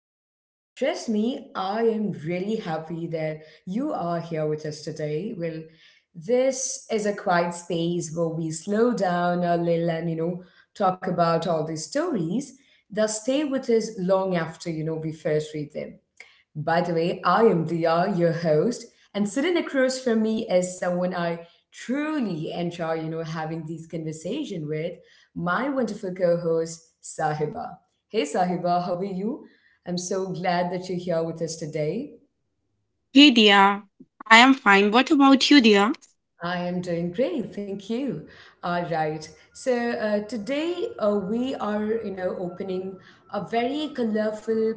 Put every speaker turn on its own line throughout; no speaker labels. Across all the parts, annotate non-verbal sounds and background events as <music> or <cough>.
Well, trust me, I am really happy that you are here with us today. Well, this is a quiet space where we slow down a little and, you know, talk about all these stories that stay with us long after, we first read them. By the way, I am Dia, your host, and sitting across from me is someone I truly enjoy, having these conversation with, my wonderful co-host Sahiba. Hey Sahiba, how are you? I'm so glad that you're here with us today.
Hey dear, I am fine. What about you, dear?
I am doing great, thank you. All right. So today we are, opening a very colorful,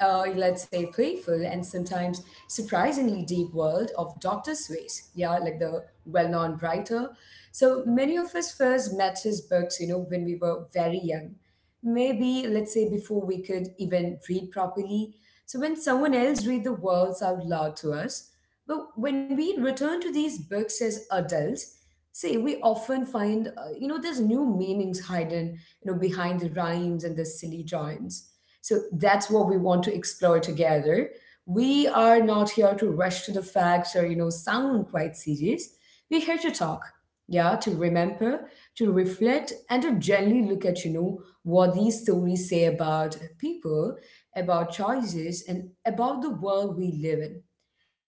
let's say, playful and sometimes surprisingly deep world of Doctor Seuss. Yeah, like the well-known writer. So many of us first met his books, when we were very young, maybe let's say before we could even read properly, so when someone else read the words out loud to us. But when we return to these books as adults, say we often find there's new meanings hidden behind the rhymes and the silly joins. So that's what we want to explore together. We are not here to rush to the facts or, sound quite serious. We're here to talk, yeah, to remember, to reflect, and to gently look at, what these stories say about people, about choices, and about the world we live in.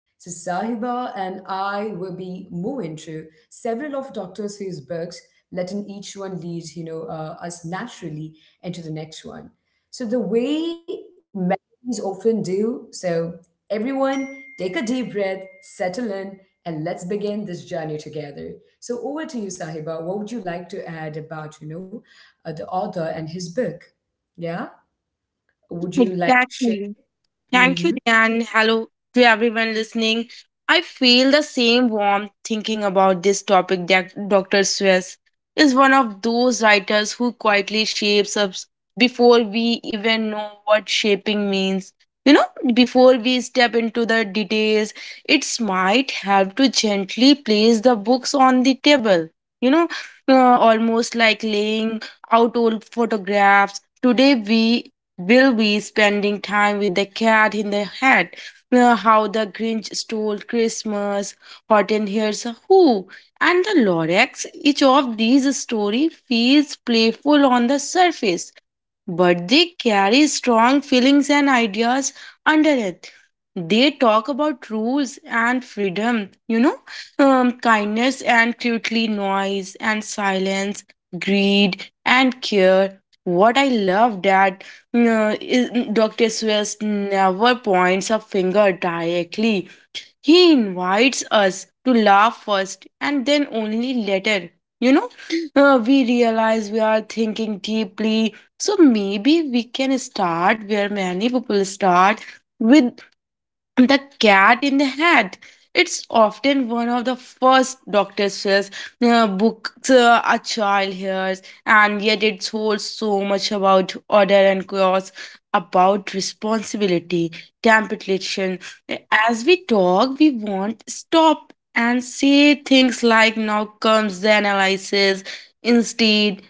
So Sahiba and I will be moving through several of Doctor Seuss books, letting each one lead, us naturally into the next one. So the way melodies often do. So everyone, take a deep breath, settle in, and let's begin this journey together. So over to you, Sahiba. What would you like to add about, the author and his book? Yeah, would you like to share?
Exactly. Thank you,
Mm-hmm.
and hello to everyone listening. I feel the same warmth thinking about this topic that Dr. Swiss is one of those writers who quietly shapes us before we even know what shaping means. You know, before we step into the details, it might help to gently place the books on the table. You know, uh, almost like laying out old photographs. Today, we will be spending time with the Cat in the Hat, How the Grinch Stole Christmas, Hot and Here's a Who, and the Lorax. Each of these stories feels playful on the surface, but they carry strong feelings and ideas under it. They talk about rules and freedom, kindness and cutely noise and silence, greed and care. What I love that is- Dr. Swiss never points a finger directly. He invites us to laugh first and then only later. You know, we realize we are thinking deeply. So maybe we can start where many people start with the Cat in the Hat. It's often one of the first doctor's Seuss books a child hears, and yet it holds so much about order and chaos, about responsibility, temptation. As we talk, we want stop and say things like "Now comes the analysis." Instead,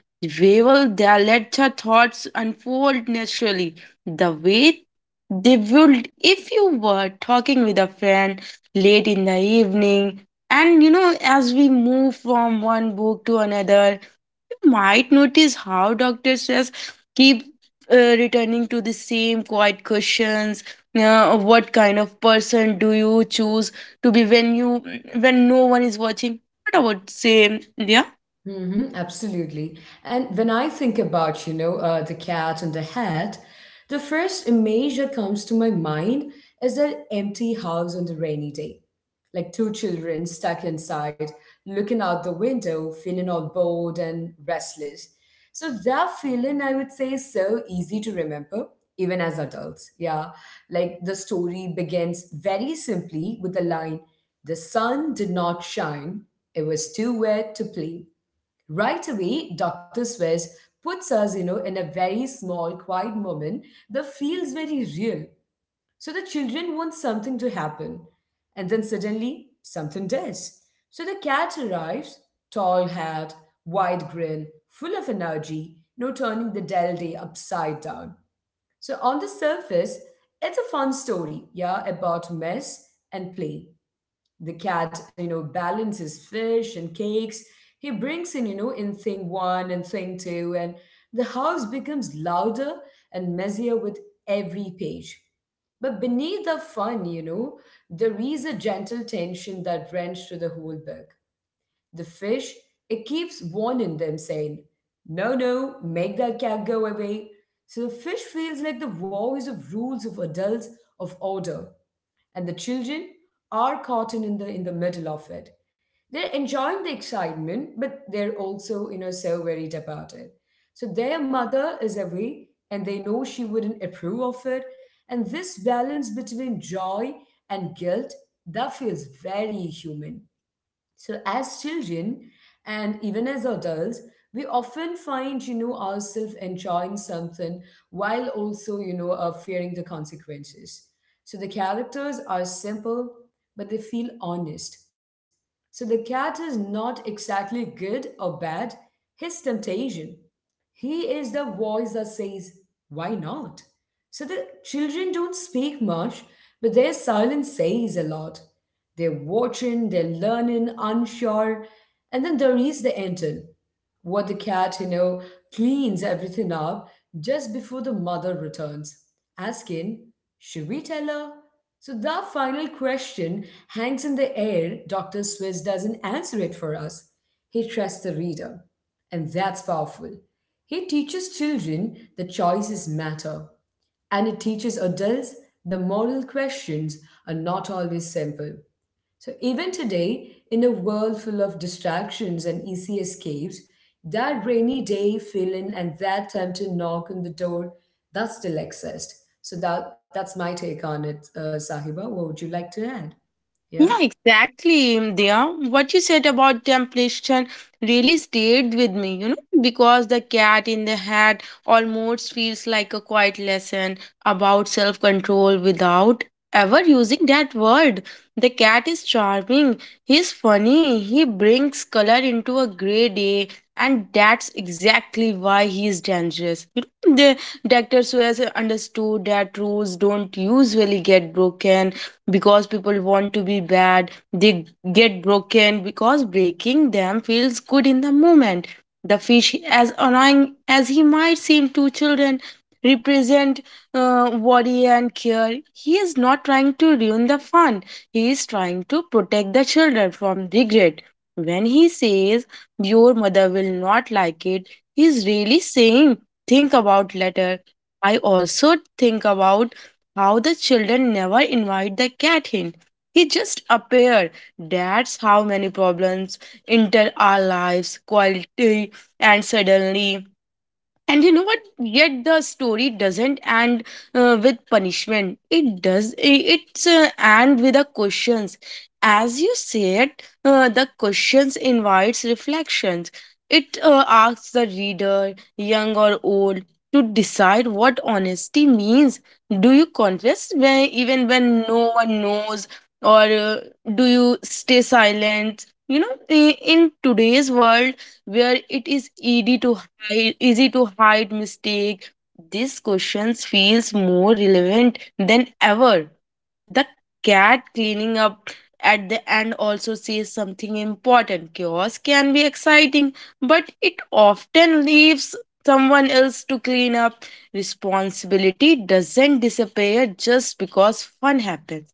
we will there let your thoughts unfold naturally, the way they would if you were talking with a friend late in the evening. And you know, as we move from one book to another, you might notice how Dr. Stress keep returning to the same quiet questions. What kind of person do you choose to be when you when no one is watching? What about say, yeah?
Absolutely. And when I think about, the cat and the hat, the first image that comes to my mind is that empty house on the rainy day. Like two children stuck inside, looking out the window, feeling all bored and restless. So that feeling, I would say, is so easy to remember, even as adults. Yeah. Like the story begins very simply with the line, the sun did not shine. It was too wet to play. Right away, Dr. Swiss puts us, in a very small, quiet moment that feels very real. So the children want something to happen. And then suddenly, something does. So the cat arrives, tall hat, wide grin, full of energy, turning the dull day upside down. So on the surface, it's a fun story, yeah, about mess and play. The cat, balances fish and cakes. He brings in, in thing one and thing two, and the house becomes louder and messier with every page. But beneath the fun, there is a gentle tension that runs through the whole book. The fish, it keeps warning them, saying, "No, no, make that cat go away." So the fish feels like the voice of rules, of adults, of order. And the children are caught in the middle of it. They're enjoying the excitement, but they're also, so worried about it. So their mother is away and they know she wouldn't approve of it, and this balance between joy and guilt, that feels very human. So, as children and even as adults, we often find, ourselves enjoying something while also, fearing the consequences. So, the characters are simple, but they feel honest. So, the cat is not exactly good or bad, he's temptation. He is the voice that says, "Why not?" So the children don't speak much, but their silence says a lot. They're watching, they're learning, unsure, and then there is the Anton. What the cat, cleans everything up just before the mother returns, asking, "Should we tell her?" So that final question hangs in the air. Dr. Swiss doesn't answer it for us. He trusts the reader. And that's powerful. He teaches children that choices matter, and it teaches adults the moral questions are not always simple. So, even today, in a world full of distractions and easy escapes, that rainy day feeling and that time to knock on the door, that still exists. So, that's my take on it, Sahiba. What would you like to add? Yeah?
Yeah, exactly, Diya. What you said about temptation really stayed with me, you know, because the cat in the hat almost feels like a quiet lesson about self control without ever using that word. The cat is charming, he's funny, he brings color into a gray day, and that's exactly why he is dangerous. You know, the Dr. Suez understood that rules don't usually get broken because people want to be bad, they get broken because breaking them feels good in the moment. The fish, as annoying as he might seem to children, represent worry and care. He is not trying to ruin the fun, he is trying to protect the children from regret. When he says your mother will not like it, he is really saying think about later. I also think about how the children never invite the cat in. He just appeared. That's how many problems enter our lives quietly and suddenly. And you know what? Yet the story doesn't end with punishment. It does. It's end with the questions. As you said, the questions invites reflections. It asks the reader, young or old, to decide what honesty means. Do you confess when, even when no one knows, or do you stay silent? You know, in today's world where it is easy to easy to hide mistake, these questions feels more relevant than ever. The cat cleaning up at the end also says something important: chaos can be exciting, but it often leaves someone else to clean up. Responsibility doesn't disappear just because fun happens.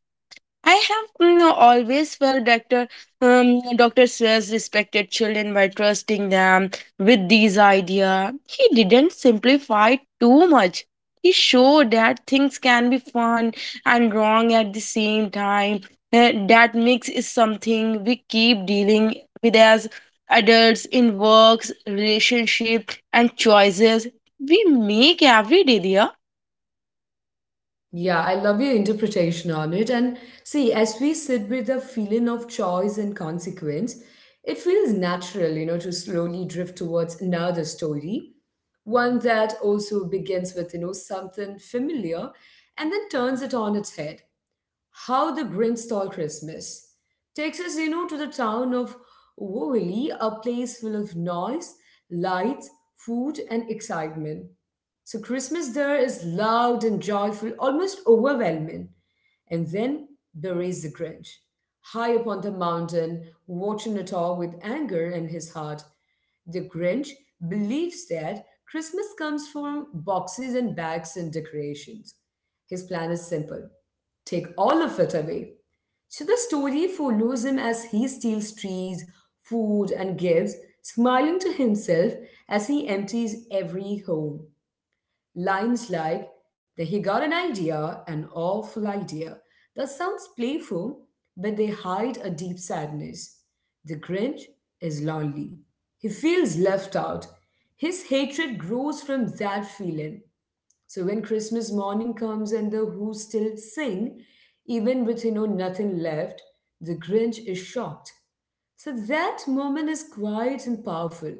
I have, you know, always felt Dr. Seuss respected children by trusting them with these ideas. He didn't simplify too much. He showed that things can be fun and wrong at the same time. That mix is something we keep dealing with as adults in works, relationship, and choices we make every day, dear.
Yeah, I love your interpretation on it. And see, as we sit with the feeling of choice and consequence, it feels natural, to slowly drift towards another story, one that also begins with, something familiar and then turns it on its head. How the Grinch Stole Christmas takes us, to the town of Woolley, a place full of noise, lights, food, and excitement. So Christmas there is loud and joyful, almost overwhelming. And then there is the Grinch, high upon the mountain, watching it all with anger in his heart. The Grinch believes that Christmas comes from boxes and bags and decorations. His plan is simple: take all of it away. So the story follows him as he steals trees, food, and gifts, smiling to himself as he empties every home. Lines like that he got an idea, an awful idea. That sounds playful, but they hide a deep sadness. The Grinch is lonely. He feels left out. His hatred grows from that feeling. So when Christmas morning comes and the Who still sing, even with nothing left, the Grinch is shocked. So that moment is quiet and powerful.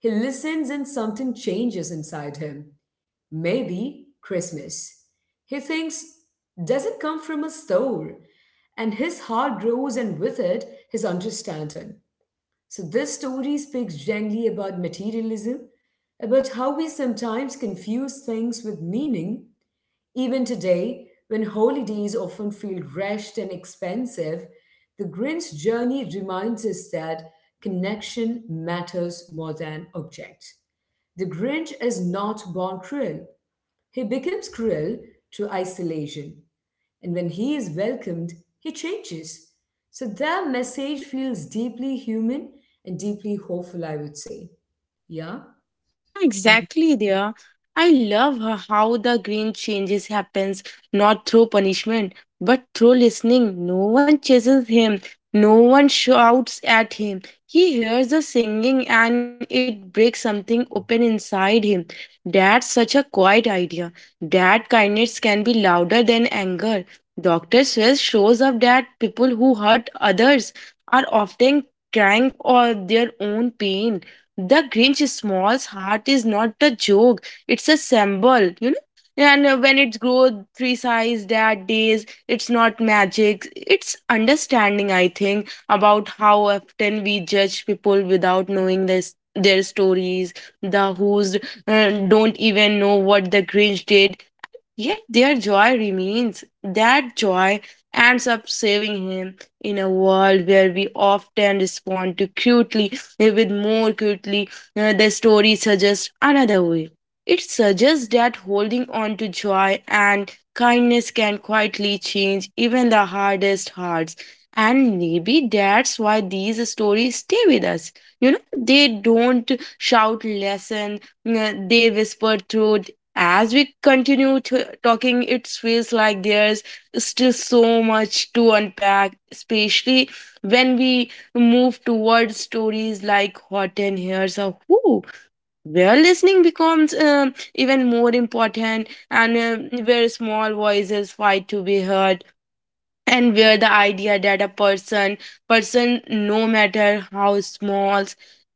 He listens and something changes inside him. "Maybe Christmas," he thinks, "doesn't come from a soul?" And his heart grows, and with it, his understanding. So, this story speaks gently about materialism, about how we sometimes confuse things with meaning. Even today, when holidays often feel rushed and expensive, the Grinch journey reminds us that connection matters more than objects. The Grinch is not born cruel. He becomes cruel to isolation, and when he is welcomed, he changes. So their message feels deeply human and deeply hopeful, I would say. Yeah? Mhm.
Exactly there. I love how the green changes happens not through punishment but through listening. No one chases him. No one shouts at him. He hears the singing and it breaks something open inside him. That's such a quiet idea. That kindness can be louder than anger. Dr. Swiss shows up that people who hurt others are often crying for their own pain. The Grinch Small's heart is not a joke, it's a symbol, you know. And when it grows three size that days, it's not magic. It's understanding, I think, about how often we judge people without knowing this, their stories. The who's don't even know what the Grinch did, yet their joy remains. That joy ends up saving him in a world where we often respond to crudely with more crudely. The story suggests another way. It suggests that holding on to joy and kindness can quietly change even the hardest hearts. And maybe that's why these stories stay with us. You know, they don't shout lesson, they whisper truth. As we continue to talking, it feels like there's still so much to unpack, especially when we move towards stories like Hot and Here's a Who, where listening becomes even more important, and where small voices fight to be heard, and where the idea that a person no matter how small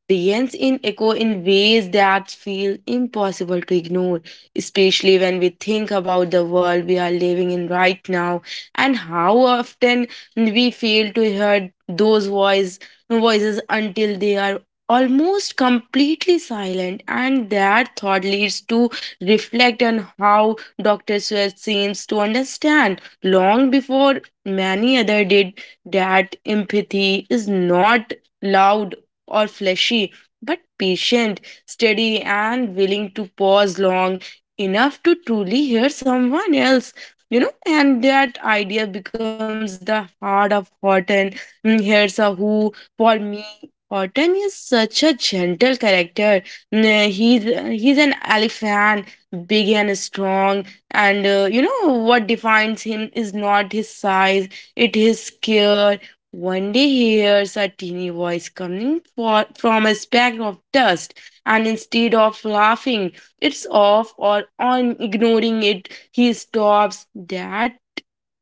bends in echo in ways that feel impossible to ignore, especially when we think about the world we are living in right now, and how often we fail to hear those voices until they are almost completely silent. And that thought leads to reflect on how Dr. Seuss seems to understand long before many others did that empathy is not loud or fleshy, but patient, steady, and willing to pause long enough to truly hear someone else. You know, and that idea becomes the heart of Horton. Here's a Who, for me. Horton is such a gentle character. Mm, He's he's an elephant, big and strong, and you know what defines him is not his size, it is care. One day he hears a teeny voice coming from a speck of dust, and instead of laughing it's off or on ignoring it, he stops. That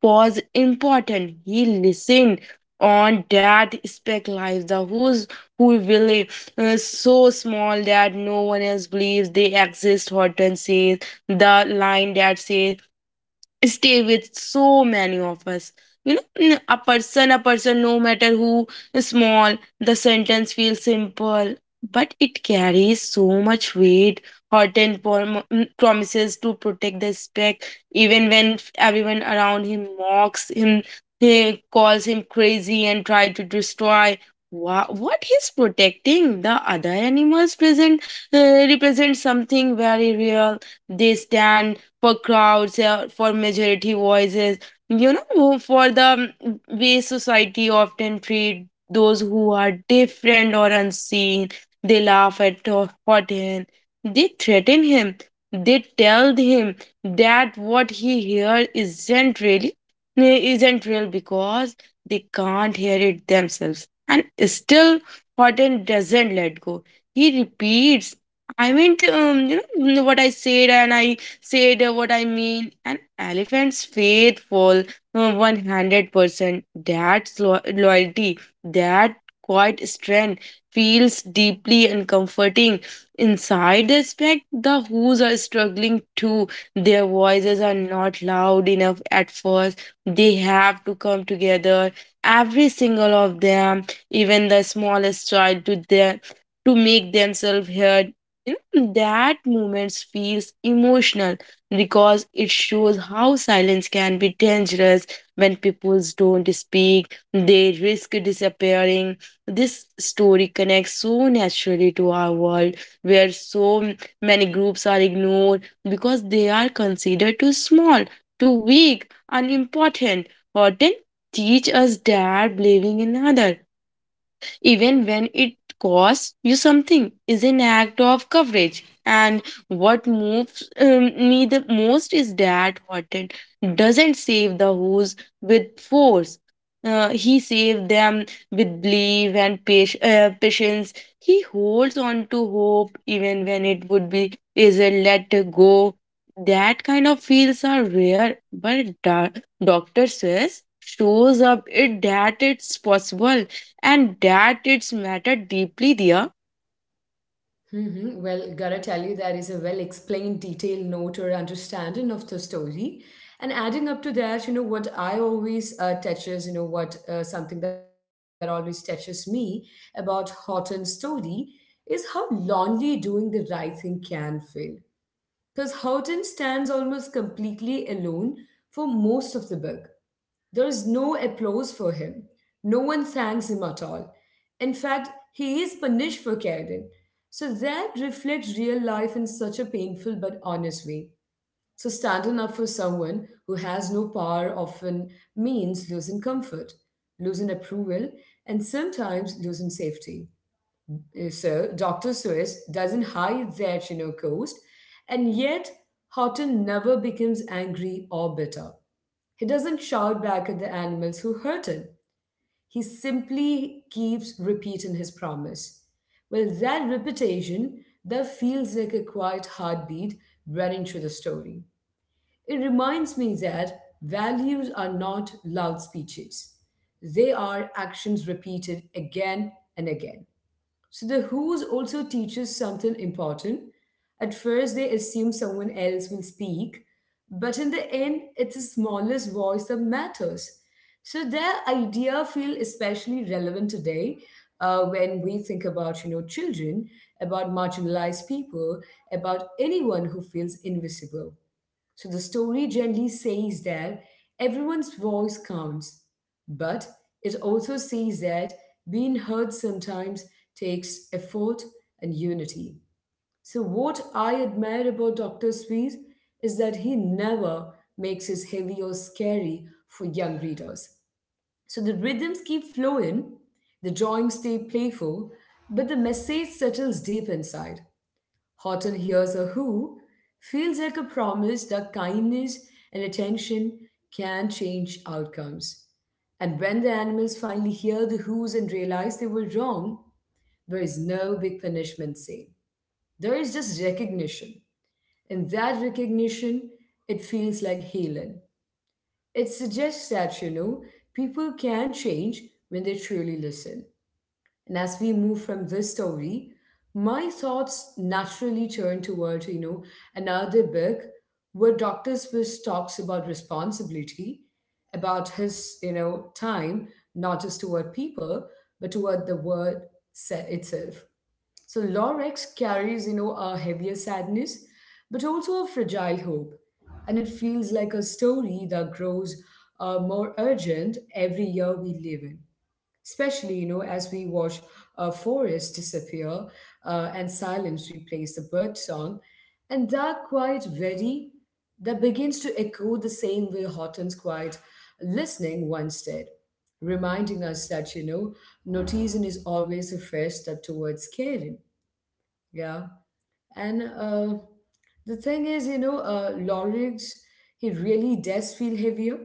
was important: he listened. On that speck lies the Who's, who will so small that no one else believes they exist. Horton says the line that says stay with so many of us, you know, a person no matter who small. The sentence feels simple but it carries so much weight. Hurt promises to protect the spec, even when everyone around him mocks him. He calls him crazy and try to destroy what he's protecting. The other animals present uh, represent something very real. They stand for crowds, for majority voices, you know, for the way society often treat those who are different or unseen. They laugh at Horton. They threaten him. They tell him that what he hears isn't real because they can't hear it themselves. And still, Horton doesn't let go. He repeats, "I meant, what I said, and I said what I mean. An elephant's faithful, 100%." That loyalty, that quiet strength feels deeply and comforting. Inside the spec, the Who's are struggling too. Their voices are not loud enough at first. They have to come together, every single of them, even the smallest child, to them to make themselves heard. You know, that moment feels emotional because it shows how silence can be dangerous. When people don't speak, they risk disappearing. This story connects so naturally to our world where so many groups are ignored because they are considered too small, too weak, unimportant. Horton teach us that believing in other, even when it costs you something, is an act of coverage. And what moves me the most is that Horton doesn't save the Who's with force. He saved them with belief and patience. He holds on to hope even when it would be easier let go. That kind of feels are rare, but Doctor says shows up it that it's possible and that it's matter deeply there.
Mhm. Well, gotta tell you, there is a well explained, detailed note or understanding of the story. And adding up to that, what I always touches, what something that always touches me about Horton's story is how lonely doing the right thing can feel. Because Houghton stands almost completely alone for most of the book. There is no applause for him. No one thanks him at all. In fact, he is punished for Carradine. So that reflects real life in such a painful but honest way. So standing up for someone who has no power often means losing comfort, losing approval, and sometimes losing safety. So Dr. Seuss doesn't hide their, coast, and yet Horton never becomes angry or bitter. He doesn't shout back at the animals who hurt him. He simply keeps repeating his promise. Well, that repetition that feels like a quiet heartbeat running through the story. It reminds me that values are not loud speeches. They are actions repeated again and again. So the who's also teaches something important. At first, they assume someone else will speak, but in the end, it's the smallest voice that matters. So their idea feel especially relevant today, when we think about, children, about marginalized people, about anyone who feels invisible. So the story gently says that everyone's voice counts, but it also says that being heard sometimes takes effort and unity. So, what I admire about Dr. Sweet is that he never makes it heavy or scary for young readers. So, the rhythms keep flowing, the drawings stay playful, but the message settles deep inside. Horton hears a who feels like a promise that kindness and attention can change outcomes. And when the animals finally hear the who's and realize they were wrong, there is no big punishment saved. There is just recognition. And that recognition, it feels like healing. It suggests that, people can change when they truly listen. And as we move from this story, my thoughts naturally turn toward, another book where Dr. Swiss talks about responsibility, about his, time, not just toward people, but toward the word itself. So Lorex carries, a heavier sadness, but also a fragile hope. And it feels like a story that grows more urgent every year we live in, especially, you know, as we watch forests disappear, and silence replace the bird song. And that quiet very that begins to echo the same way Houghton's quiet listening once did, reminding us that, you know, noticing is always a first step towards caring. Yeah. And the thing is, you know, Lorix, he really does feel heavier,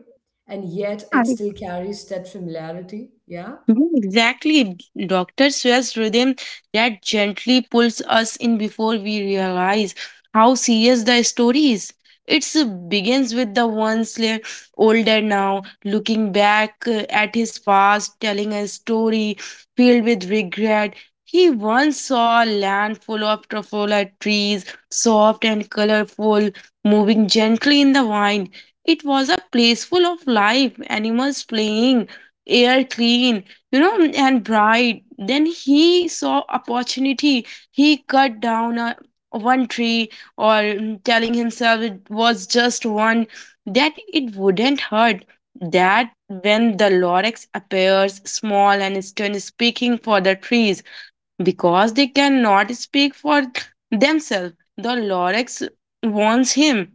and yet
Yeah,
it still carries that familiarity. Yeah.
mhm, exactly. Dr. Seuss rhythm that gently pulls us in before we realize how serious the story is. It begins with the one slayer, older now, looking back at his past, telling a story filled with regret. He once saw a land full of truffula trees, soft and colorful, moving gently in the wind. It was a place full of life, animals playing, air clean, you know, and bright. Then he saw opportunity. He cut down a one tree telling himself it was just one, that it wouldn't hurt, that when the Lorax appears, small and stern, speaking for the trees because they cannot speak for themselves. The Lorax warns him,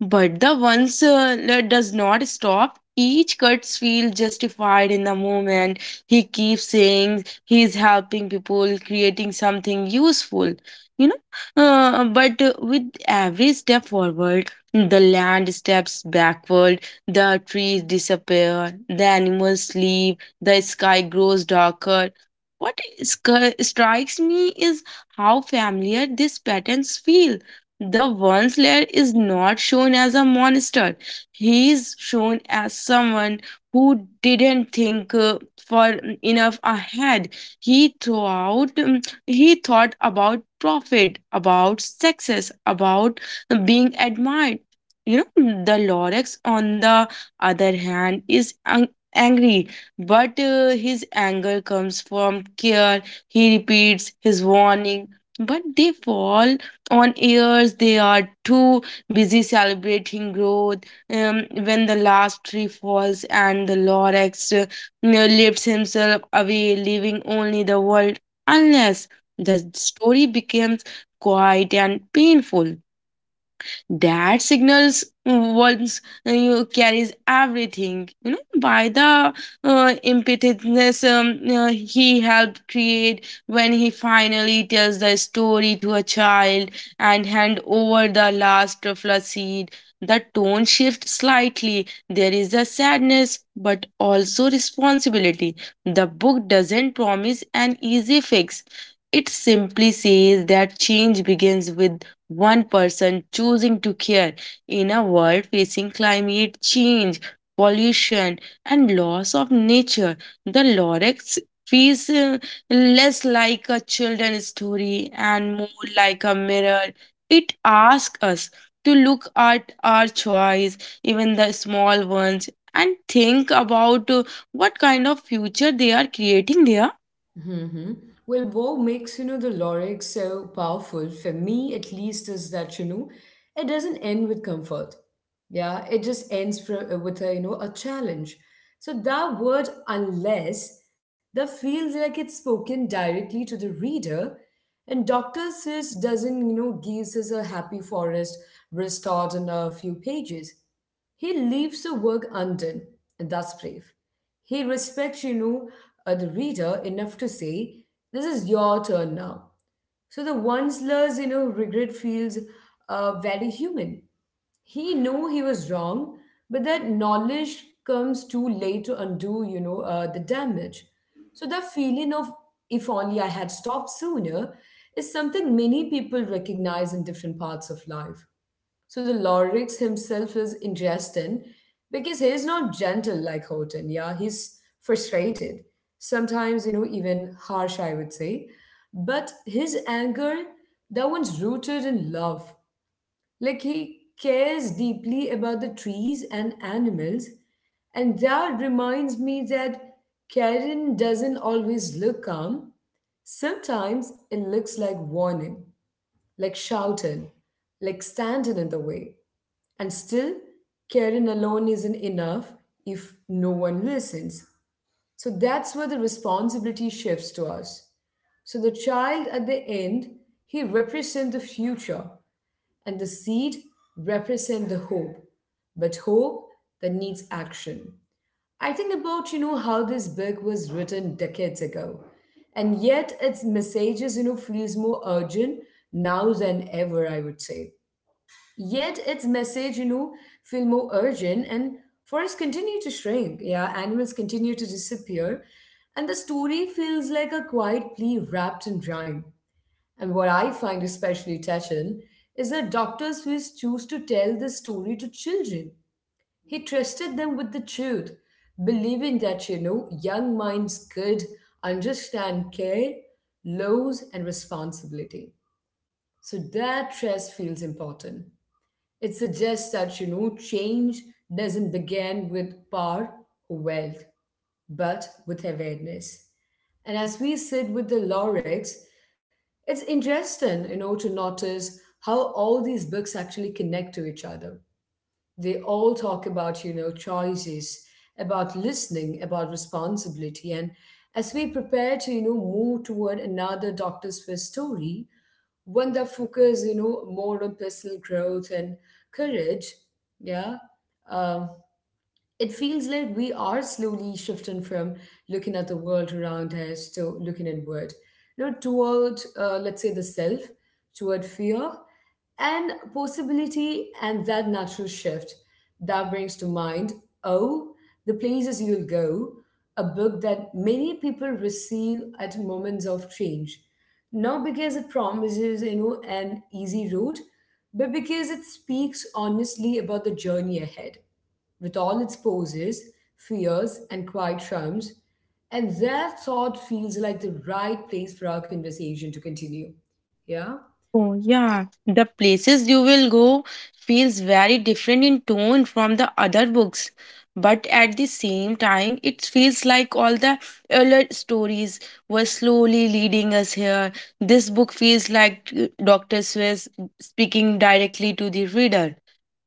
but the once that does not stop. Each cuts feel justified in the moment. He keeps saying he's helping people, creating something useful. You know, but with every step forward, the land steps backward, the trees disappear, the animals sleep, the sky grows darker. What is- strikes me is how familiar these patterns feel. The one slayer is not shown as a monster. He is shown as someone who didn't think for enough ahead. He thought he thought about profit, about success, about being admired. You know, the Lorax, on the other hand, is angry, but his anger comes from care. He repeats his warning, but they fall on airs. They are too busy celebrating growth. When the last tree falls and the lorax lifts himself away leaving only the world unless, the story becomes quiet and painful. That signals once you carries everything, by the impetuousness he helped create. When he finally tells the story to a child and hand over the last truffle seed, the tone shifts slightly. There is a sadness but also responsibility. The book doesn't promise an easy fix. It simply says that change begins with one person choosing to care in a world facing climate change, pollution, and loss of nature. The lorax feels less like a children's story and more like a mirror. It asks us to look at our choice, even the small ones, and think about what kind of future they are creating there.
Hmm. Well, what makes, you know, the lyrics so powerful, for me at least, is that, you know, it doesn't end with comfort. Yeah, it just ends for, with a, you know, a challenge. So that word, unless, that feels like it's spoken directly to the reader. And Dr. Sis doesn't, you know, gives us a happy forest restored in a few pages. He leaves the work undone, and that's brave. He respects, you know, the reader enough to say, "This is your turn now." So the once-less, you know, regret feels very human. He knew he was wrong, but that knowledge comes too late to undo, you know, the damage. So the feeling of "if only I had stopped sooner" is something many people recognize in different parts of life. So the Lorix himself is interesting because he's not gentle like Houghton. Yeah, he's frustrated. Sometimes, you know, even harsh, I would say. But his anger, that one's rooted in love. Like, he cares deeply about the trees and animals. And that reminds me that Karen doesn't always look calm. Sometimes it looks like warning, like shouting, like standing in the way. And still, caring alone isn't enough if no one listens. So that's where the responsibility shifts to us. So the child at the end, he represents the future, and the seed represents the hope, but hope that needs action. I think about, you know, how this book was written decades ago, and yet its messages, you know, feels more urgent now than ever. I would say, yet its message, you know, feel more urgent, and forests continue to shrink. Yeah, animals continue to disappear. And the story feels like a quiet plea wrapped in rhyme. And what I find especially touching is that Dr. Seuss choose to tell this story to children. He trusted them with the truth, believing that, you know, young minds could understand care, laws, and responsibility. So that trust feels important. It suggests that, you know, change doesn't begin with power or wealth, but with awareness. And as we sit with the lyrics, it's interesting, you know, to notice how all these books actually connect to each other. They all talk about, you know, choices, about listening, about responsibility. And as we prepare to, you know, move toward another Doctor Swiss story, one that focuses, you know, more on personal growth and courage. Yeah. Um, it feels like we are slowly shifting from looking at the world around us to looking inward, you know, toward, let's say, the self, toward fear and possibility, and that natural shift that brings to mind, oh, the places you'll go, a book that many people receive at moments of change. Not because it promises, you know, an easy road, but because it speaks honestly about the journey ahead with all its poses, fears, and quiet charms, and that thought feels like the right place for our conversation to continue. Yeah?
Oh, yeah. The places you will go feels very different in tone from the other books. But at the same time, it feels like all the earlier stories were slowly leading us here. This book feels like Dr. Swiss speaking directly to the reader.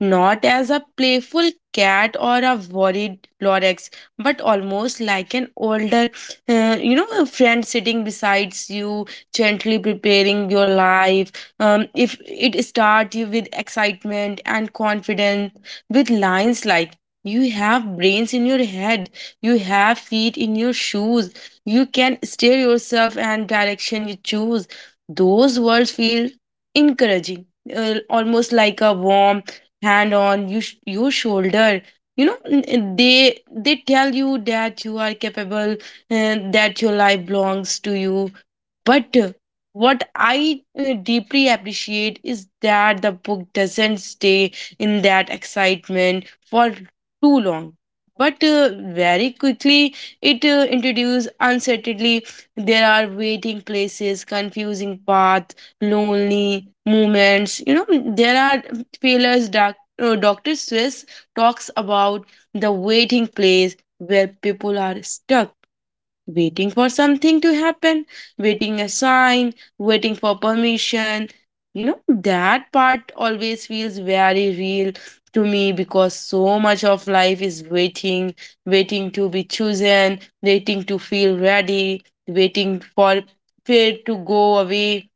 Not as a playful cat or a worried Lorex, but almost like an older, a friend sitting beside you, gently preparing your life. If it starts you with excitement and confidence with lines like, you have brains in your head, you have feet in your shoes, you can steer yourself and direction you choose. Those words feel encouraging, almost like a warm hand on you your shoulder. You know, they tell you that you are capable and that your life belongs to you. But what I deeply appreciate is that the book doesn't stay in that excitement for too long. But very quickly, it introduces uncertainty. There are waiting places, confusing paths, lonely moments. You know, there are failures. Dr. Swiss talks about the waiting place where people are stuck waiting for something to happen, waiting a sign, waiting for permission. You know, that part always feels very real to me because so much of life is waiting, waiting to be chosen, waiting to feel ready, waiting for fear to go away.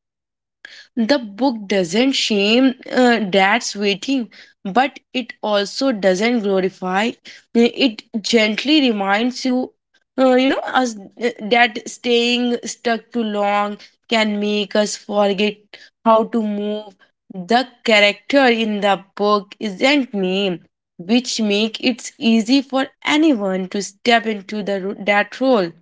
The book doesn't shame dad's waiting, but it also doesn't glorify. It gently reminds you, us that staying stuck too long can make us forget how to move. The character in the book isn't named, which make it easy for anyone to step into the that role.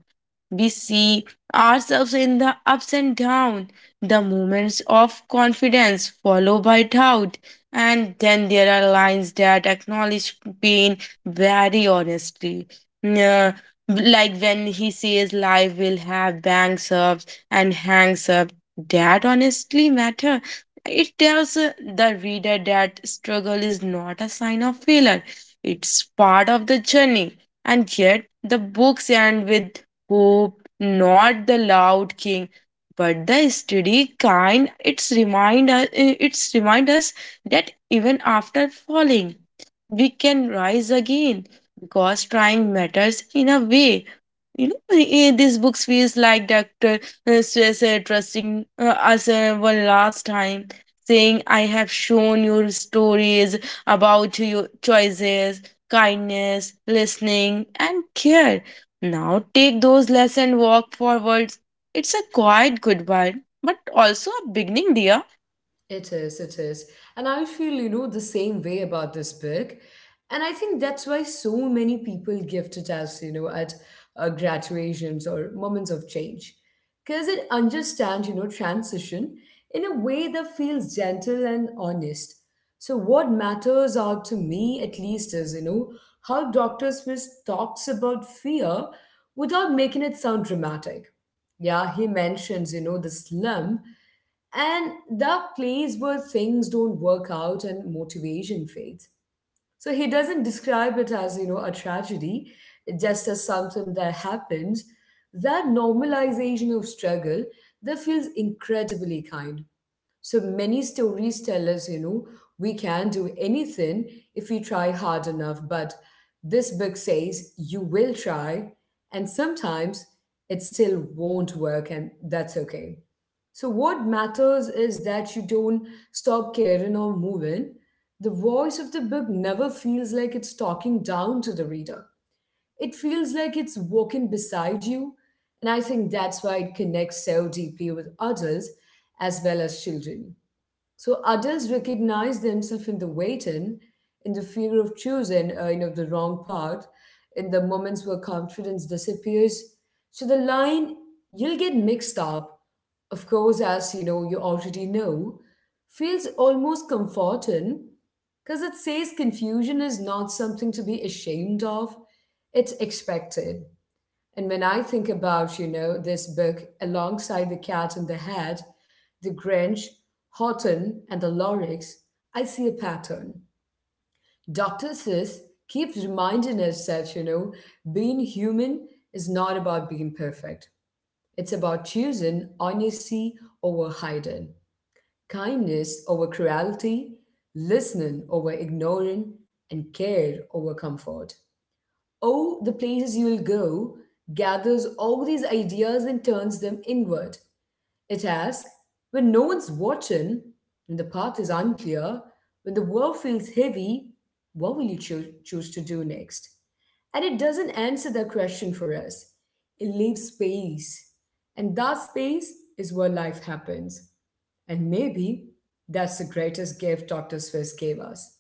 We see ourselves in the ups and downs, the moments of confidence followed by doubt, and then there are lines that acknowledge pain very honestly. Yeah, like when he says life will have bangs ups and hangs up, that honestly matter. It tells the reader that struggle is not a sign of failure. It's part of the journey. And yet the books end with hope, not the loud king, but the steady kind. It's remind us that even after falling, we can rise again because trying matters. In a way, these books feels like dr stress trusting us one last time, saying, I have shown you stories about your choices, kindness, listening, and care. Now take those lessons and walk forwards. It's a quiet goodbye but also a beginning, dear.
It is, it is. And I feel, you know, the same way about this book. And I think that's why so many people gift it as, you know, at graduations or moments of change. Because it understands, you know, transition in a way that feels gentle and honest. So, what matters out to me, at least, is, you know, how Dr. Swiss talks about fear without making it sound dramatic. Yeah, he mentions, you know, the slum and the place where things don't work out and motivation fades. So he doesn't describe it as, you know, a tragedy, just as something that happens. That normalization of struggle, that feels incredibly kind. So many stories tell us, you know, we can do anything if we try hard enough, but this book says you will try, and sometimes it still won't work, and that's okay. So, what matters is that you don't stop caring or moving. The voice of the book never feels like it's talking down to the reader, it feels like it's walking beside you. And I think that's why it connects so deeply with adults as well as children. So adults recognize themselves in the waiting, in the fear of choosing, you know, the wrong path, in the moments where confidence disappears. So the line you'll get mixed up, of course, as you know, you already know, feels almost comforting because it says confusion is not something to be ashamed of, it's expected. And when I think about, you know, this book alongside The Cat in the Hat, The Grinch, Horton, and The Lorax, I see a pattern. Dr. Seuss keeps reminding us that, you know, being human is not about being perfect. It's about choosing honesty over hiding, kindness over cruelty, listening over ignoring, and care over comfort. Oh, the places you'll go gathers all these ideas and turns them inward. It asks, when no one's watching, when the path is unclear, when the world feels heavy, what will you choose to do next? And it doesn't answer that question for us. It leaves space. And that space is where life happens. And maybe that's the greatest gift Dr. Swiss gave us.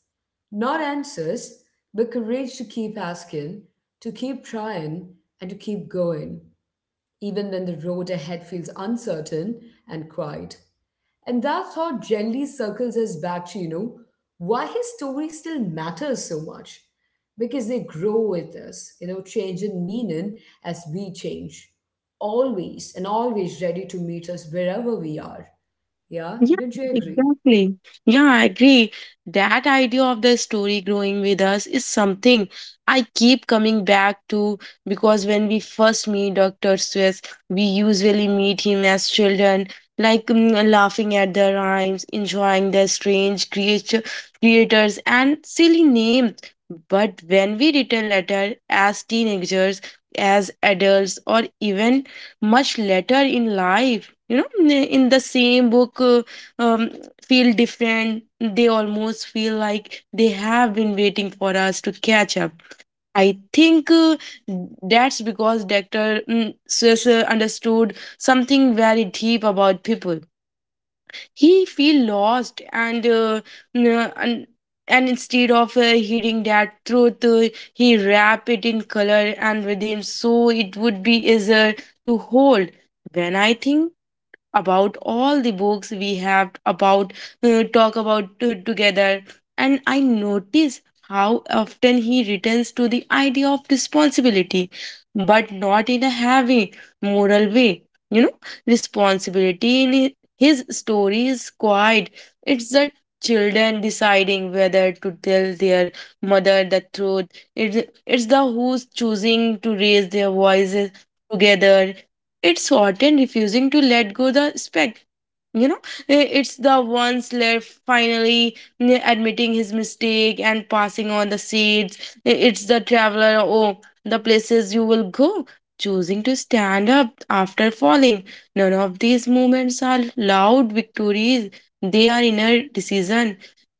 Not answers, but courage to keep asking, to keep trying, and to keep going, even when the road ahead feels uncertain and quiet. And that thought gently circles us back to, you know, why his story still matters so much. Because they grow with us, you know, change in meaning as we change. Always and always ready to meet us wherever we are. Yeah,
Yeah,
don't you agree?
exactly. Yeah, I agree. That idea of the story growing with us is something I keep coming back to because when we first meet Dr. Swiss, we usually meet him as children, like laughing at the rhymes, enjoying the strange creature creators and silly names. But when we return later as teenagers, as adults, or even much later in life, you know, in the same book um, feel different. They almost feel like they have been waiting for us to catch up. I think that's because Dr. Seuss understood something very deep about people. He feel lost n- and, and instead of hearing that truth, he wrap it in color and with him so it would be easier to hold. When I think about all the books we have about talk about together, and I notice how often he returns to the idea of responsibility, but not in a heavy moral way. You know, responsibility in his story is quiet. It's the children deciding whether to tell their mother the truth. it's, it's the who's choosing to raise their voices together. It's often refusing to let go the spec, you know. It's the one slave finally admitting his mistake and passing on the seeds. It's the traveler oh the places you will go, choosing to stand up after falling. None of these moments are loud victories. They are inner decision,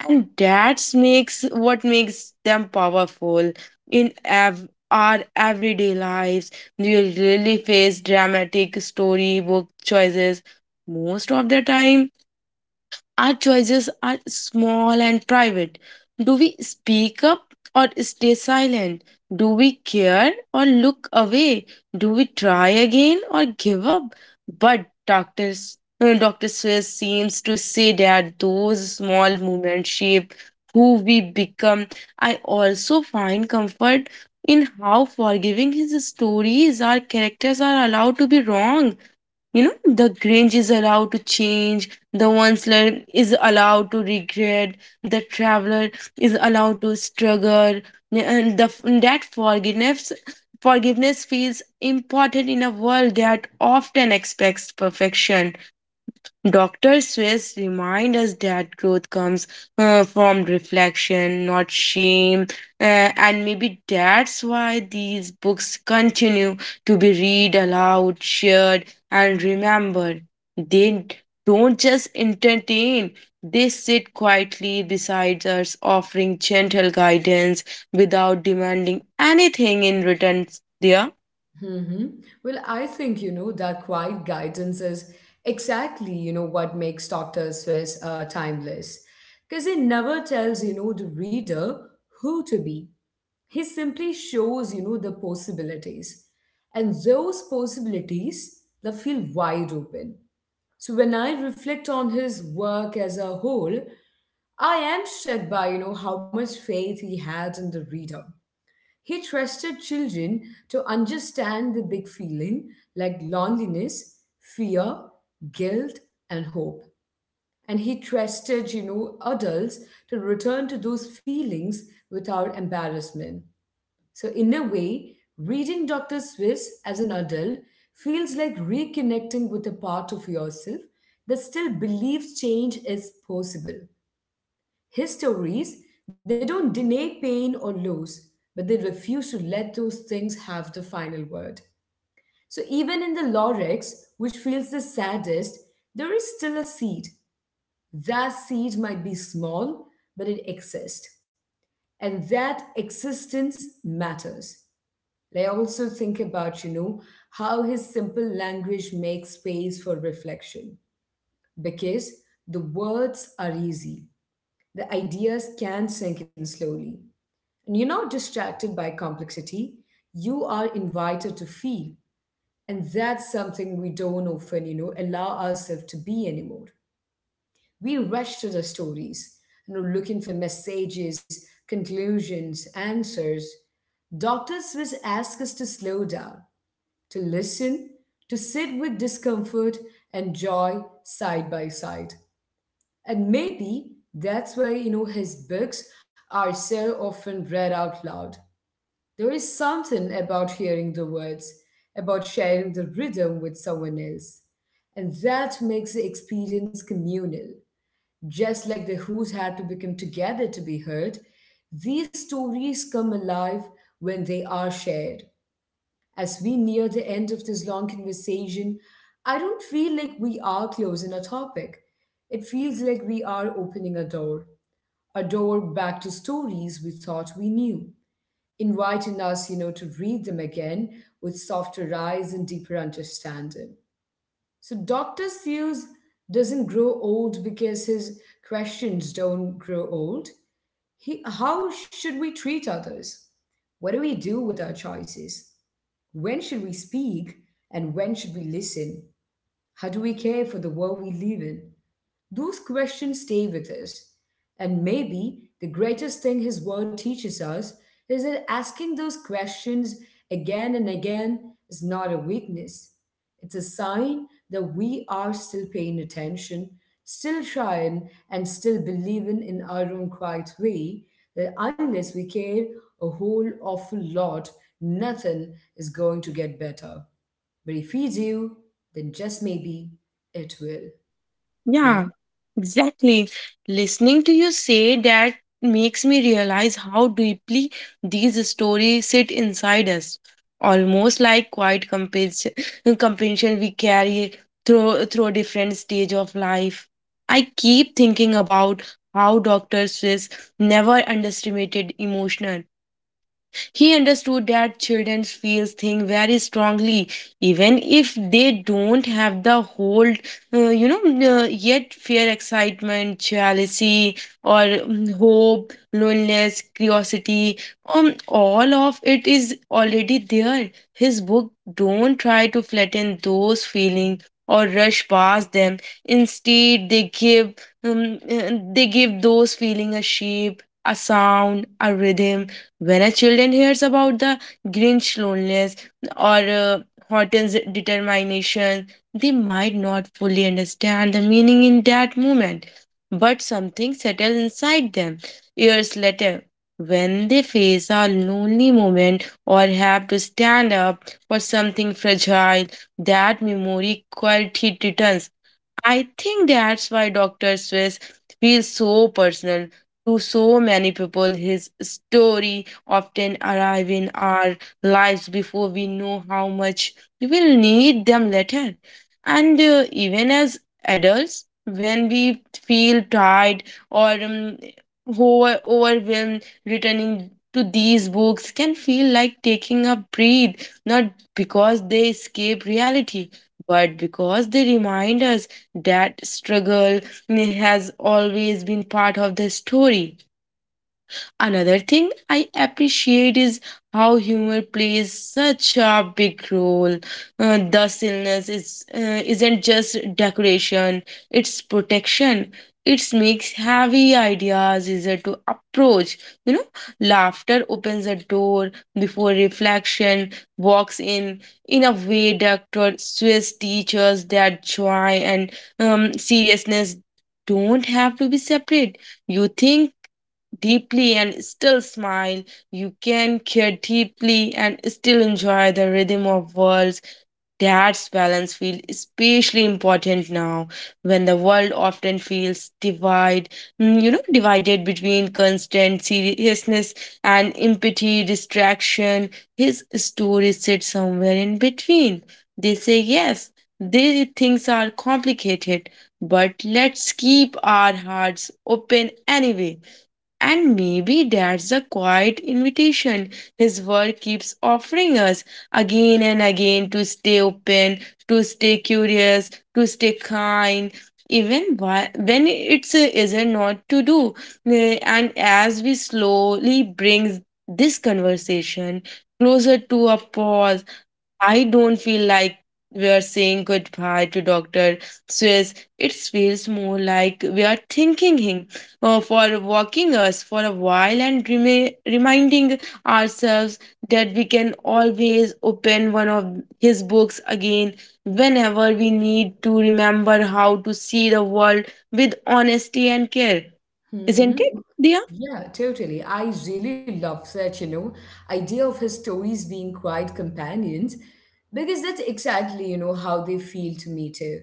and that makes what makes them powerful in our everyday lives. We really face dramatic storybook choices most of the time, our choices are small and private. Do we speak up or stay silent? Do we care or look away? Do we try again or give up? But doctors, Dr. Swiss seems to say that those small movements shape who we become. I also find comfort in how forgiving his stories, are. Characters are allowed to be wrong. You know, the grange is allowed to change, the onceler is allowed to regret, the traveler is allowed to struggle, and the that forgiveness feels important in a world that often expects perfection. Dr. Swiss reminds us that growth comes from reflection, not shame, and maybe that's why these books continue to be read aloud, shared, and remembered. They don't just entertain, they sit quietly beside us, offering gentle guidance without demanding anything in return. There.
Hmm. Well, I think, you know, that quiet guidance is exactly, you know, what makes Dr. Swiss timeless. Because it never tells, you know, the reader who to be. He simply shows, you know, the possibilities. And those possibilities, they feel wide open. So when I reflect on his work as a whole, I am struck by, you know, how much faith he had in the reader. He trusted children to understand the big feeling, like loneliness, fear, guilt, and hope. And he trusted, you know, adults to return to those feelings without embarrassment. So, in a way, reading Dr. Swiss as an adult feels like reconnecting with a part of yourself that still believes change is possible. His stories, they don't deny pain or loss, but they refuse to let those things have the final word. So even in the Lorex, which feels the saddest, there is still a seed. That seed might be small, but it exists. And that existence matters. Like, I also think about, you know, how his simple language makes space for reflection. Because the words are easy, the ideas can sink in slowly. And you're not distracted by complexity, you are invited to feel. And that's something we don't often, you know, allow ourselves to be anymore. We rush to the stories, you know, looking for messages, conclusions, answers. Doctors will ask us to slow down, to listen, to sit with discomfort and joy side by side. And maybe that's why, you know, his books are so often read out loud. There is something about hearing the words, about sharing the rhythm with someone else. And that makes the experience communal. Just like the Who's had to become together to be heard, these stories come alive when they are shared. As we near the end of this long conversation, I don't feel like we are closing a topic. It feels like we are opening a door back to stories we thought we knew, inviting us, you know, to read them again with softer eyes and deeper understanding. So Dr. Seuss doesn't grow old because his questions don't grow old. He, how should we treat others? What do we do with our choices? When should we speak and when should we listen? How do we care for the world we live in? Those questions stay with us. And maybe the greatest thing his word teaches us is that asking those questions again and again is not a weakness. It's a sign that we are still paying attention, still trying, and still believing in our own quiet way that unless we care a whole awful lot, nothing is going to get better. But if we do, then just maybe it will. Yeah?
Yeah, exactly. Listening to you say that makes me realize how deeply these stories sit inside us, almost like quiet compensation we carry through a different stage of life. I keep thinking about how Dr. Swiss never underestimated emotional. He understood that children feel things very strongly, even if they don't have the hold, uh, you know, yet fear, excitement, jealousy, or hope, loneliness, curiosity. All of it is already there. His book don't try to flatten those feelings or rush past them. Instead, they give those feeling a shape, a sound, a rhythm. When a children hears about the Grinch loneliness or Horton's determination, they might not fully understand the meaning in that moment, but something settles inside them years later. When they face a lonely moment or have to stand up for something fragile, that memory quality returns. I think that's why Dr. Swiss feels so personal to so many people. His story often arrive in our lives before we know how much we will need them later. And even as adults, when we feel tired or overwhelmed, returning to these books can feel like taking a breath, not because they escape reality, but because they remind us that struggle has always been part of the story. Another thing I appreciate is how humor plays such a big role. The stillness is isn't just decoration; it's protection. It makes heavy ideas easier to approach. You know, laughter opens a door before reflection walks in. In a way, Doctor Swiss teaches that joy and seriousness don't have to be separate. You think deeply and still smile. You can care deeply and still enjoy the rhythm of worlds. That's balance feels especially important now when the world often feels divide, you know, divided between constant seriousness and empathy, distraction. His story sits somewhere in between. They say yes, these things are complicated, but let's keep our hearts open anyway. And maybe that's the quiet invitation his world keeps offering us again and again, to stay open, to stay curious, to stay kind, even when it's isn't not to do. And as we slowly brings this conversation closer to a pause, I don't feel like we are saying goodbye to Dr. Swiss. It feels more like we are thanking him for walking us for a while and reminding ourselves that we can always open one of his books again whenever we need to remember how to see the world with honesty and care.
Hmm.
Isn't it, Dia?
Yeah, totally. I really love that, you know, idea of his stories being quiet companions, because that's exactly, you know, how they feel to me too.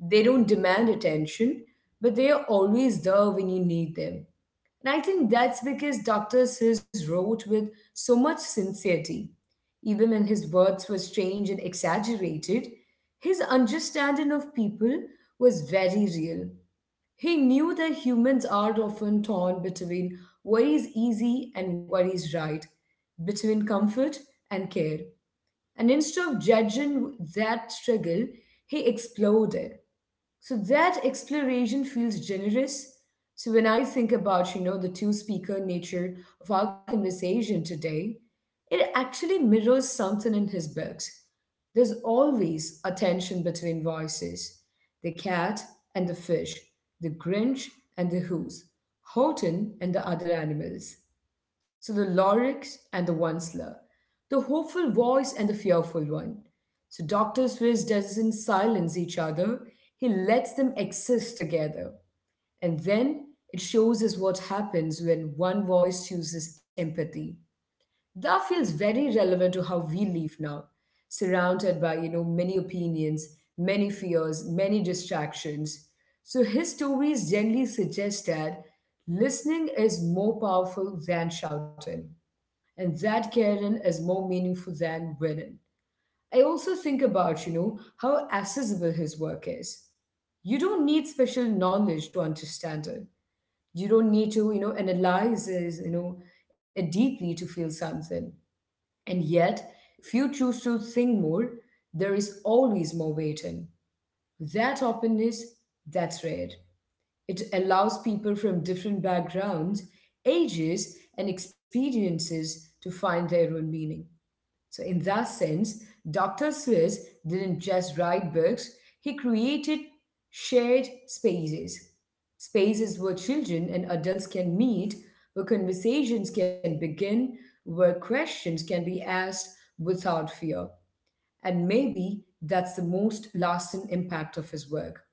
They don't demand attention, but they are always there when you need them. And I think that's because Dr. Sis wrote with so much sincerity. Even when his words were strange and exaggerated, his understanding of people was very real. He knew that humans are often torn between what is easy and what is right, between comfort and care. And instead of judging that struggle, he explored it. So that exploration feels generous. So when I think about, the two-speaker nature of our conversation today, it actually mirrors something in his books. There's always a tension between voices. The cat and the fish, the Grinch and the Who's, Horton and the other animals. So the Loryx and the Onceler, the hopeful voice and the fearful one. So Dr. Swiss doesn't silence each other, he lets them exist together. And then it shows us what happens when one voice chooses empathy. That feels very relevant to how we live now, surrounded by, many opinions, many fears, many distractions. So his stories generally suggest that listening is more powerful than shouting and that caring is more meaningful than winning. I also think about, how accessible his work is. You don't need special knowledge to understand it. You don't need to, analyze it it deeply to feel something. And yet, if you choose to think more, there is always more waiting. That openness, that's rare. It allows people from different backgrounds, ages, and experiences to find their own meaning. So, in that sense, Dr. Seuss didn't just write books, he created shared spaces. Spaces where children and adults can meet, where conversations can begin, where questions can be asked without fear. And maybe that's the most lasting impact of his work.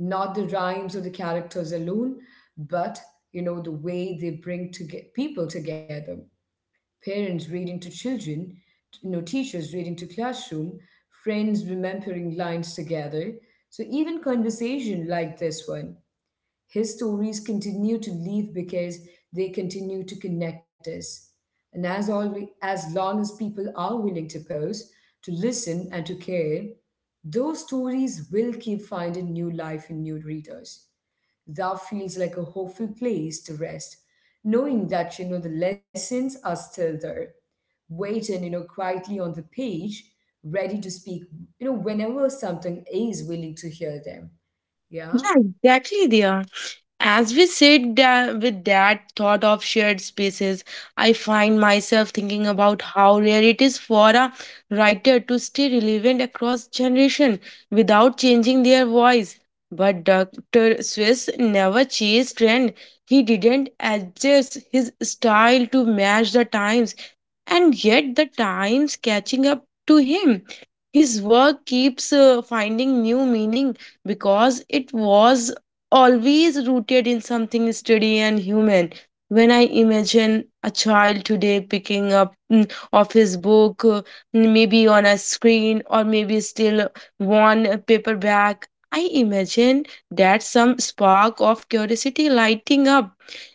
Not the rhymes or the characters alone, but you know the way they bring to get people together parents reading to children, teachers reading to classroom, friends remembering lines together. So even conversation like this one, his stories continue to live because they continue to connect us. And as always, as long as people are willing to pause, to listen, and to care, those stories will keep finding new life in new readers. That feels like a hopeful place to rest, knowing that you know the lessons are still there waiting, quietly on the page, ready to speak, whenever something is willing to hear them. Yeah.
Yeah, exactly, Dia. As we sit with that thought of shared spaces, I find myself thinking about how rare it is for a writer to stay relevant across generation without changing their voice. But Dr. Swiss never chased trend. He didn't adjust his style to match the times, and yet the times catching up to him. His work keeps finding new meaning because it was always rooted in something steady and human. When I imagine a child today picking up of his book, maybe on a screen or maybe still one paperback, I imagine that some spark of curiosity lighting up.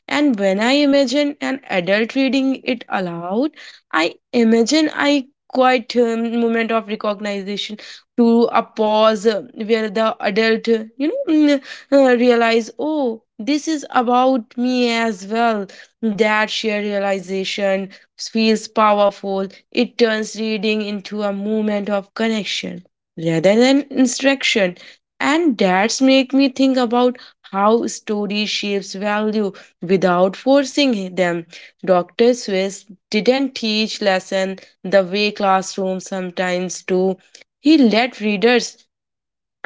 And when I imagine an adult reading it aloud, I imagine I quite moment of recognition to a pause where the adult, <laughs> realize, oh, this is about me as well. That sheer realization feels powerful. It turns reading into a moment of connection rather than instruction. And that's make me think about how story shapes value without forcing them. Dr. Swiss didn't teach lesson the way classrooms sometimes do. He let readers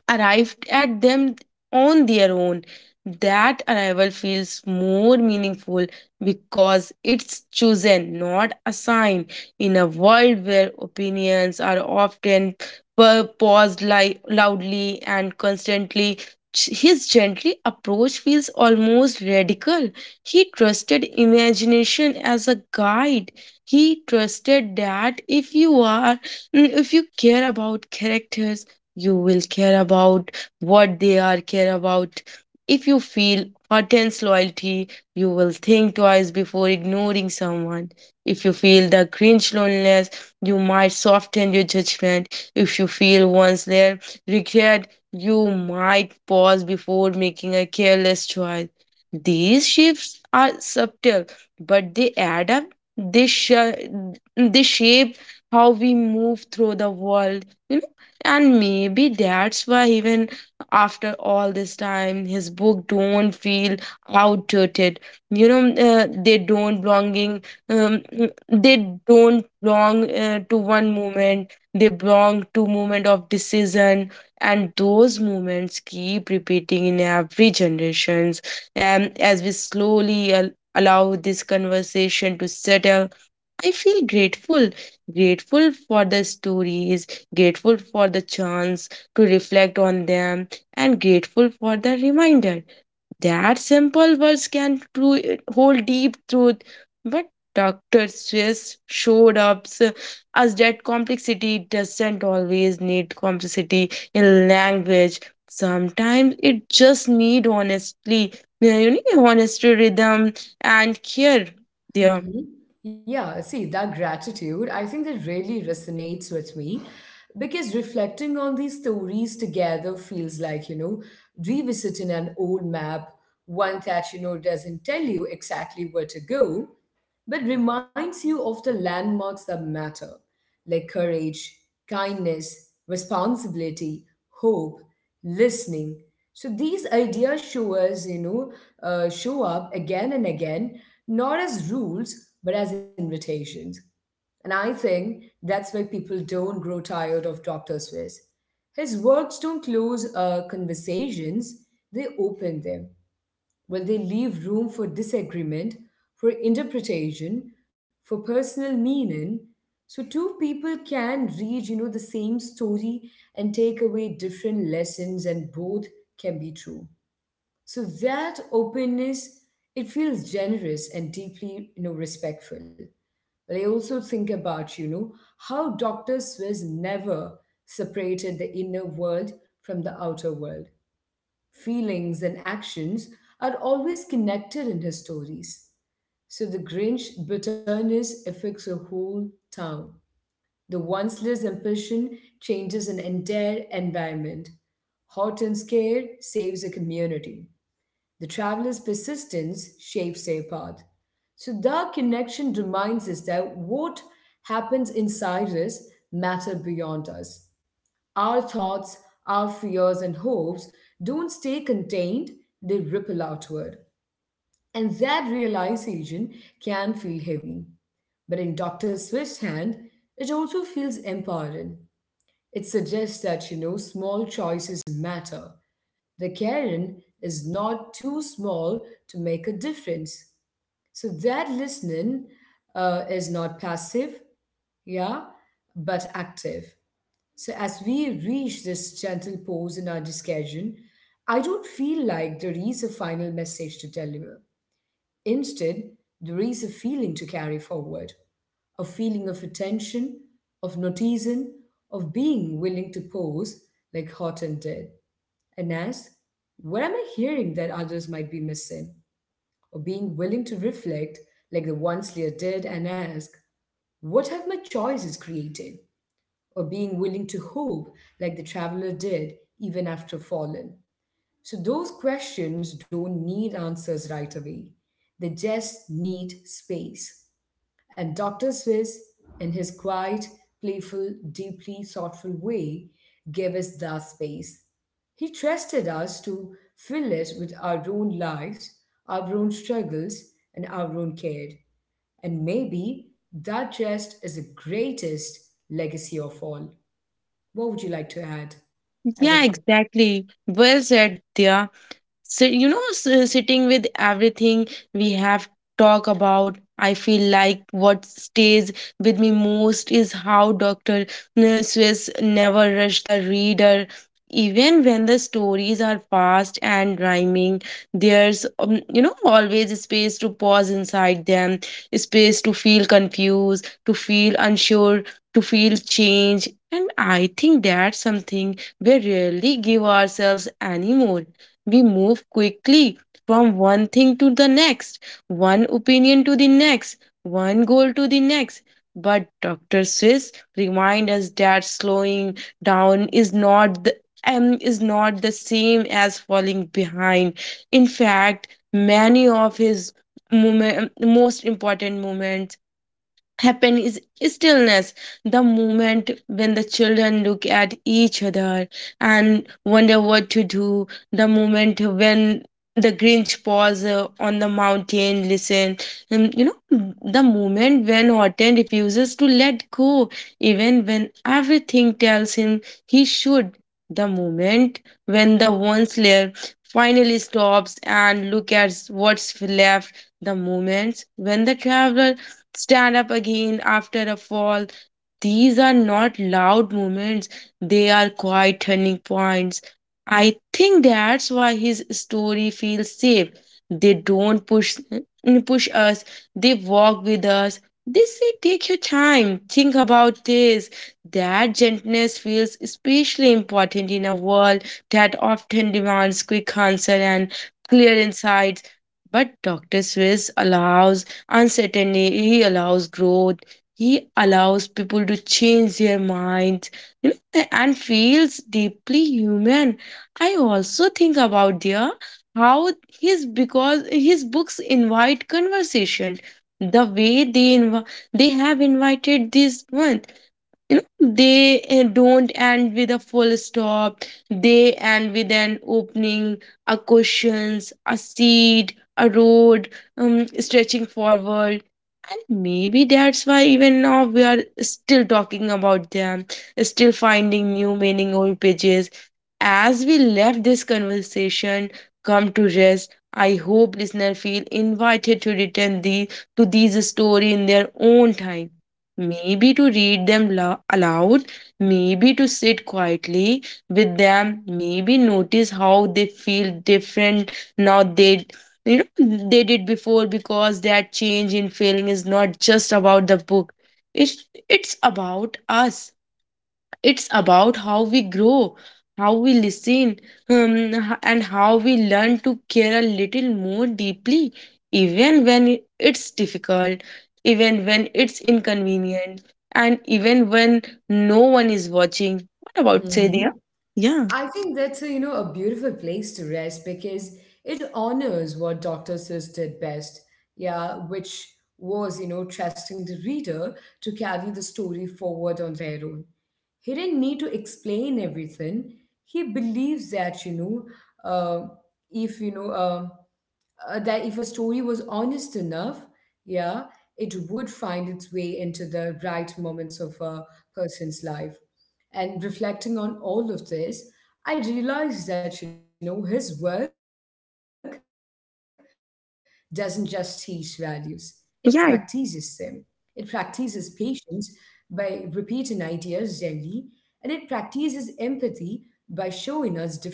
arrived at them on their own. That arrival feels more meaningful because it's chosen, not assigned. In a world where opinions are often paused loudly and constantly, his gently approach feels almost radical. He trusted imagination as a guide. He trusted that if you care about characters, you will care about what they are care about, if you feel intense loyalty you will think twice before ignoring someone, if you feel the cringe loneliness you might soften your judgment, if you feel once there regret you might pause before making a careless choice. These shifts are subtle, but they add up, they they shape how we move through the world. And maybe that's why even after all this time his book don't feel outdated, you know. They don't belonging, um, they don't belong to one moment, they belong to moment of decision, and those moments keep repeating in every generations. As we slowly allow this conversation to settle, I feel grateful, grateful for the stories, grateful for the chance to reflect on them, and grateful for the reminder that simple words can hold deep truth. But Dr. Swiss showed up us that complexity doesn't always need complexity in language. Sometimes it just need honestly, you know, honest rhythm and care there.
Hmm. Yeah. See, that gratitude, I think that really resonates with me because reflecting on these stories together feels like, revisiting an old map, one that, doesn't tell you exactly where to go, but reminds you of the landmarks that matter, like courage, kindness, responsibility, hope, listening. So these ideas show us, show up again and again, not as rules, but as invitations. And I think that's why people don't grow tired of Dr. Swiss. His works don't close conversations, they open them. Well, they leave room for disagreement, for interpretation, for personal meaning. So two people can read, the same story and take away different lessons and both can be true. So that openness, it feels generous and deeply, respectful. But I also think about, how Dr. Swiss never separated the inner world from the outer world feelings, and actions are always connected in his stories. So the Grinch bitterness affects a whole town. The once-less ambition changes an entire environment. Hot and scared saves a community. The traveler's persistence shapes their path. So that connection reminds us that what happens inside us matter beyond us. Our thoughts, our fears, and hopes don't stay contained, they ripple outward. And that realization can feel heavy. But in Dr. Swift's hand, it also feels empowering. It suggests that, small choices matter. The Karen is not too small to make a difference. So that listening is not passive, yeah, but active. So, as we reach this gentle pause in our discussion, I don't feel like there is a final message to deliver. Instead, there is a feeling to carry forward a feeling of attention, of noticing, of being willing to pause like Horton did and ask, "What am I hearing that others might be missing?" Or being willing to reflect like the ones Lear did and ask, "What have my choices created?" Or being willing to hope like the traveler did even after fallen. So those questions don't need answers right away. They just need space. And Dr. Swiss, in his quiet, playful, deeply thoughtful way, gave us that space. He trusted us to fill it with our own lives, our own struggles, and our own care. And maybe that just is the greatest legacy of all. What would you like to add as a
Yeah,
final?
exactly. Well said, Dia. So, you know, sitting with everything we have talked about, I feel like what stays with me most is how Dr. Swiss never rush the reader. Even when the stories are fast and rhyming, there's, you know, always a space to pause inside them, a space to feel confused, to feel unsure, to feel change. And I think that's something we rarely give ourselves anymore. We move quickly from one thing to the next, one opinion to the next, one goal to the next. But Dr. Swiss reminds us that slowing down is not the same as falling behind. In fact, many of his most important moments happen is stillness, the moment when the children look at each other and wonder what to do, the moment when the grinch pause on the mountain listen, you know, the moment when horton refuses to let go even when everything tells him he should, the moment when the one slayer finally stops and look at what's left, the moments when the traveler stand up again after a fall. These are not loud moments, they are quiet turning points. I think that's why his story feels safe. They don't push us, they walk with us. They say take your time, think about this. That gentleness feels especially important in a world that often demands quick answer and clear insights. But Dr. Swiss allows uncertainty, he allows growth, he allows people to change their minds, you know, and feels deeply human. I also think about there how his because his books invite conversation, the way they have invited this one, you know. They don't end with a full stop, they end with an opening, a questions, a seed, a road, stretching forward. And maybe that's why even now we are still talking about them, still finding new meaning old pages. As we left this conversation come to rest, I hope listeners feel invited to return the to these story in their own time, maybe to read them aloud, maybe to sit quietly with them, maybe notice how they feel different now they, you know, they did before, because that change in feeling is not just about the book. It's about us, it's about how we grow, how we listen, and how we learn to care a little more deeply, even when it's difficult, even when it's inconvenient, and even when no one is watching. What about sadia?
Mhm.
Yeah.
I think that's a, a beautiful place to rest because it honors what Dr. Seuss did best, yeah, which was, you know, trusting the reader to carry the story forward on their own. He didn't need to explain everything. He believes that, you know, uh, if, you know, that if a story was honest enough, yeah, it would find its way into the right moments of a person's life. And reflecting on all of this, I realized that, his work doesn't just teach values, it practices them. It practices
yeah
patience by repeating ideas gently, and it practices empathy by showing us different points of view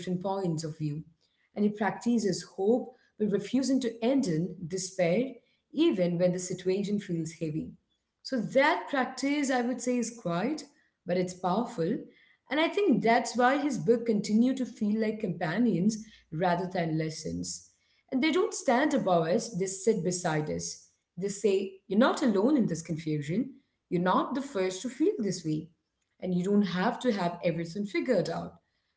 and it practices hope but refusing to end in despair even when the situation feels heavy. So that practice, I would say, is quiet, but it's powerful. And I think that's why his book continue to feel like companions rather than lessons. And they don't stand above us, they sit beside us. They say, "You're not alone in this confusion. You're not the first to feel this way. And you don't have to have everything figured out."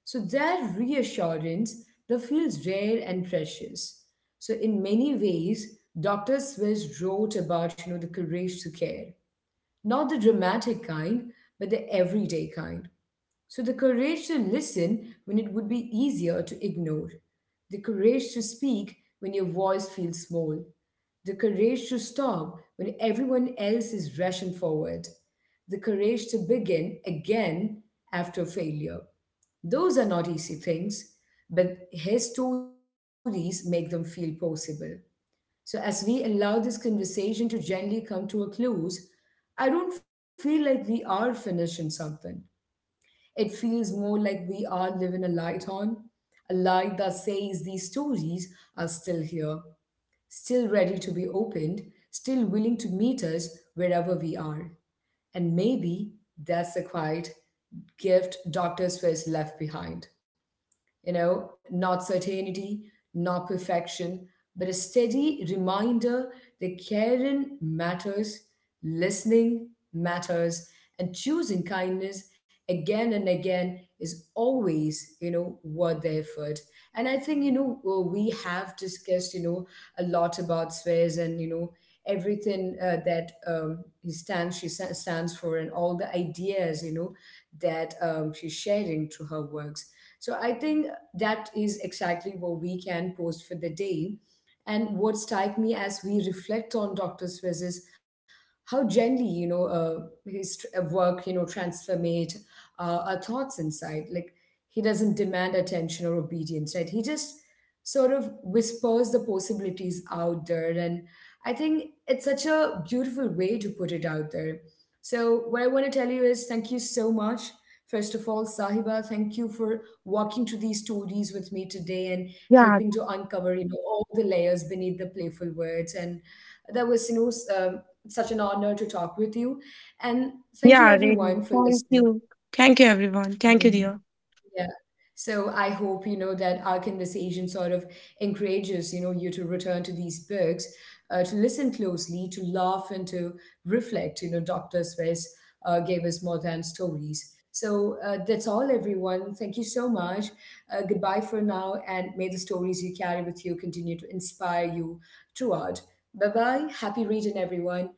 So that reassurance that feels rare and precious. So in many ways, Dr. Swiss wrote about you know the courage to care, not the dramatic kind, but the everyday kind. So the courage to listen when it would be easier to ignore, the courage to speak when your voice feels small, the courage to stop when everyone else is rushing forward, the courage to begin again after failure. Those are not easy things, but his stories make them feel possible. So, as we allow this conversation to gently come to a close, I don't feel like we are finishing something. It feels more like we are living a light on, a light that says these stories are still here, still ready to be opened, still willing to meet us wherever we are. And maybe that's the quiet gift Dr. Swiss left behind you know, not certainty, not perfection, but a steady reminder that caring matters, listening matters, and choosing kindness again and again is always, worth the effort. And I think, we have discussed, a lot about swears and, everything that he stands, stands for and all the ideas, that she's sharing through her works. So I think that is exactly what we can post for the day. And what strike me as we reflect on Dr. Swiss is how gently, work, transformate our thoughts inside. Like he doesn't demand attention or obedience, right? He just sort of whispers the possibilities out there. And I think it's such a beautiful way to put it out there. So what I want to tell you is thank you so much. First of all, Sahiba, thank you for walking through these stories with me today and
yeah
helping to uncover you know all the layers beneath the playful words and that was you know such an honor to talk with you and thank you
yeah Really
everyone for
thank
listening.
you. Thank you everyone, thank you
Mhm.
dear.
Yeah. So I hope, that our conversation sort of encourages, you to return to these books, to listen closely, to laugh and to reflect. You know, Dr. Swiss gave us more than stories. So that's all, everyone. Thank you so much. Goodbye for now, and may the stories you carry with you continue to inspire you throughout. Bye bye. Happy reading, everyone.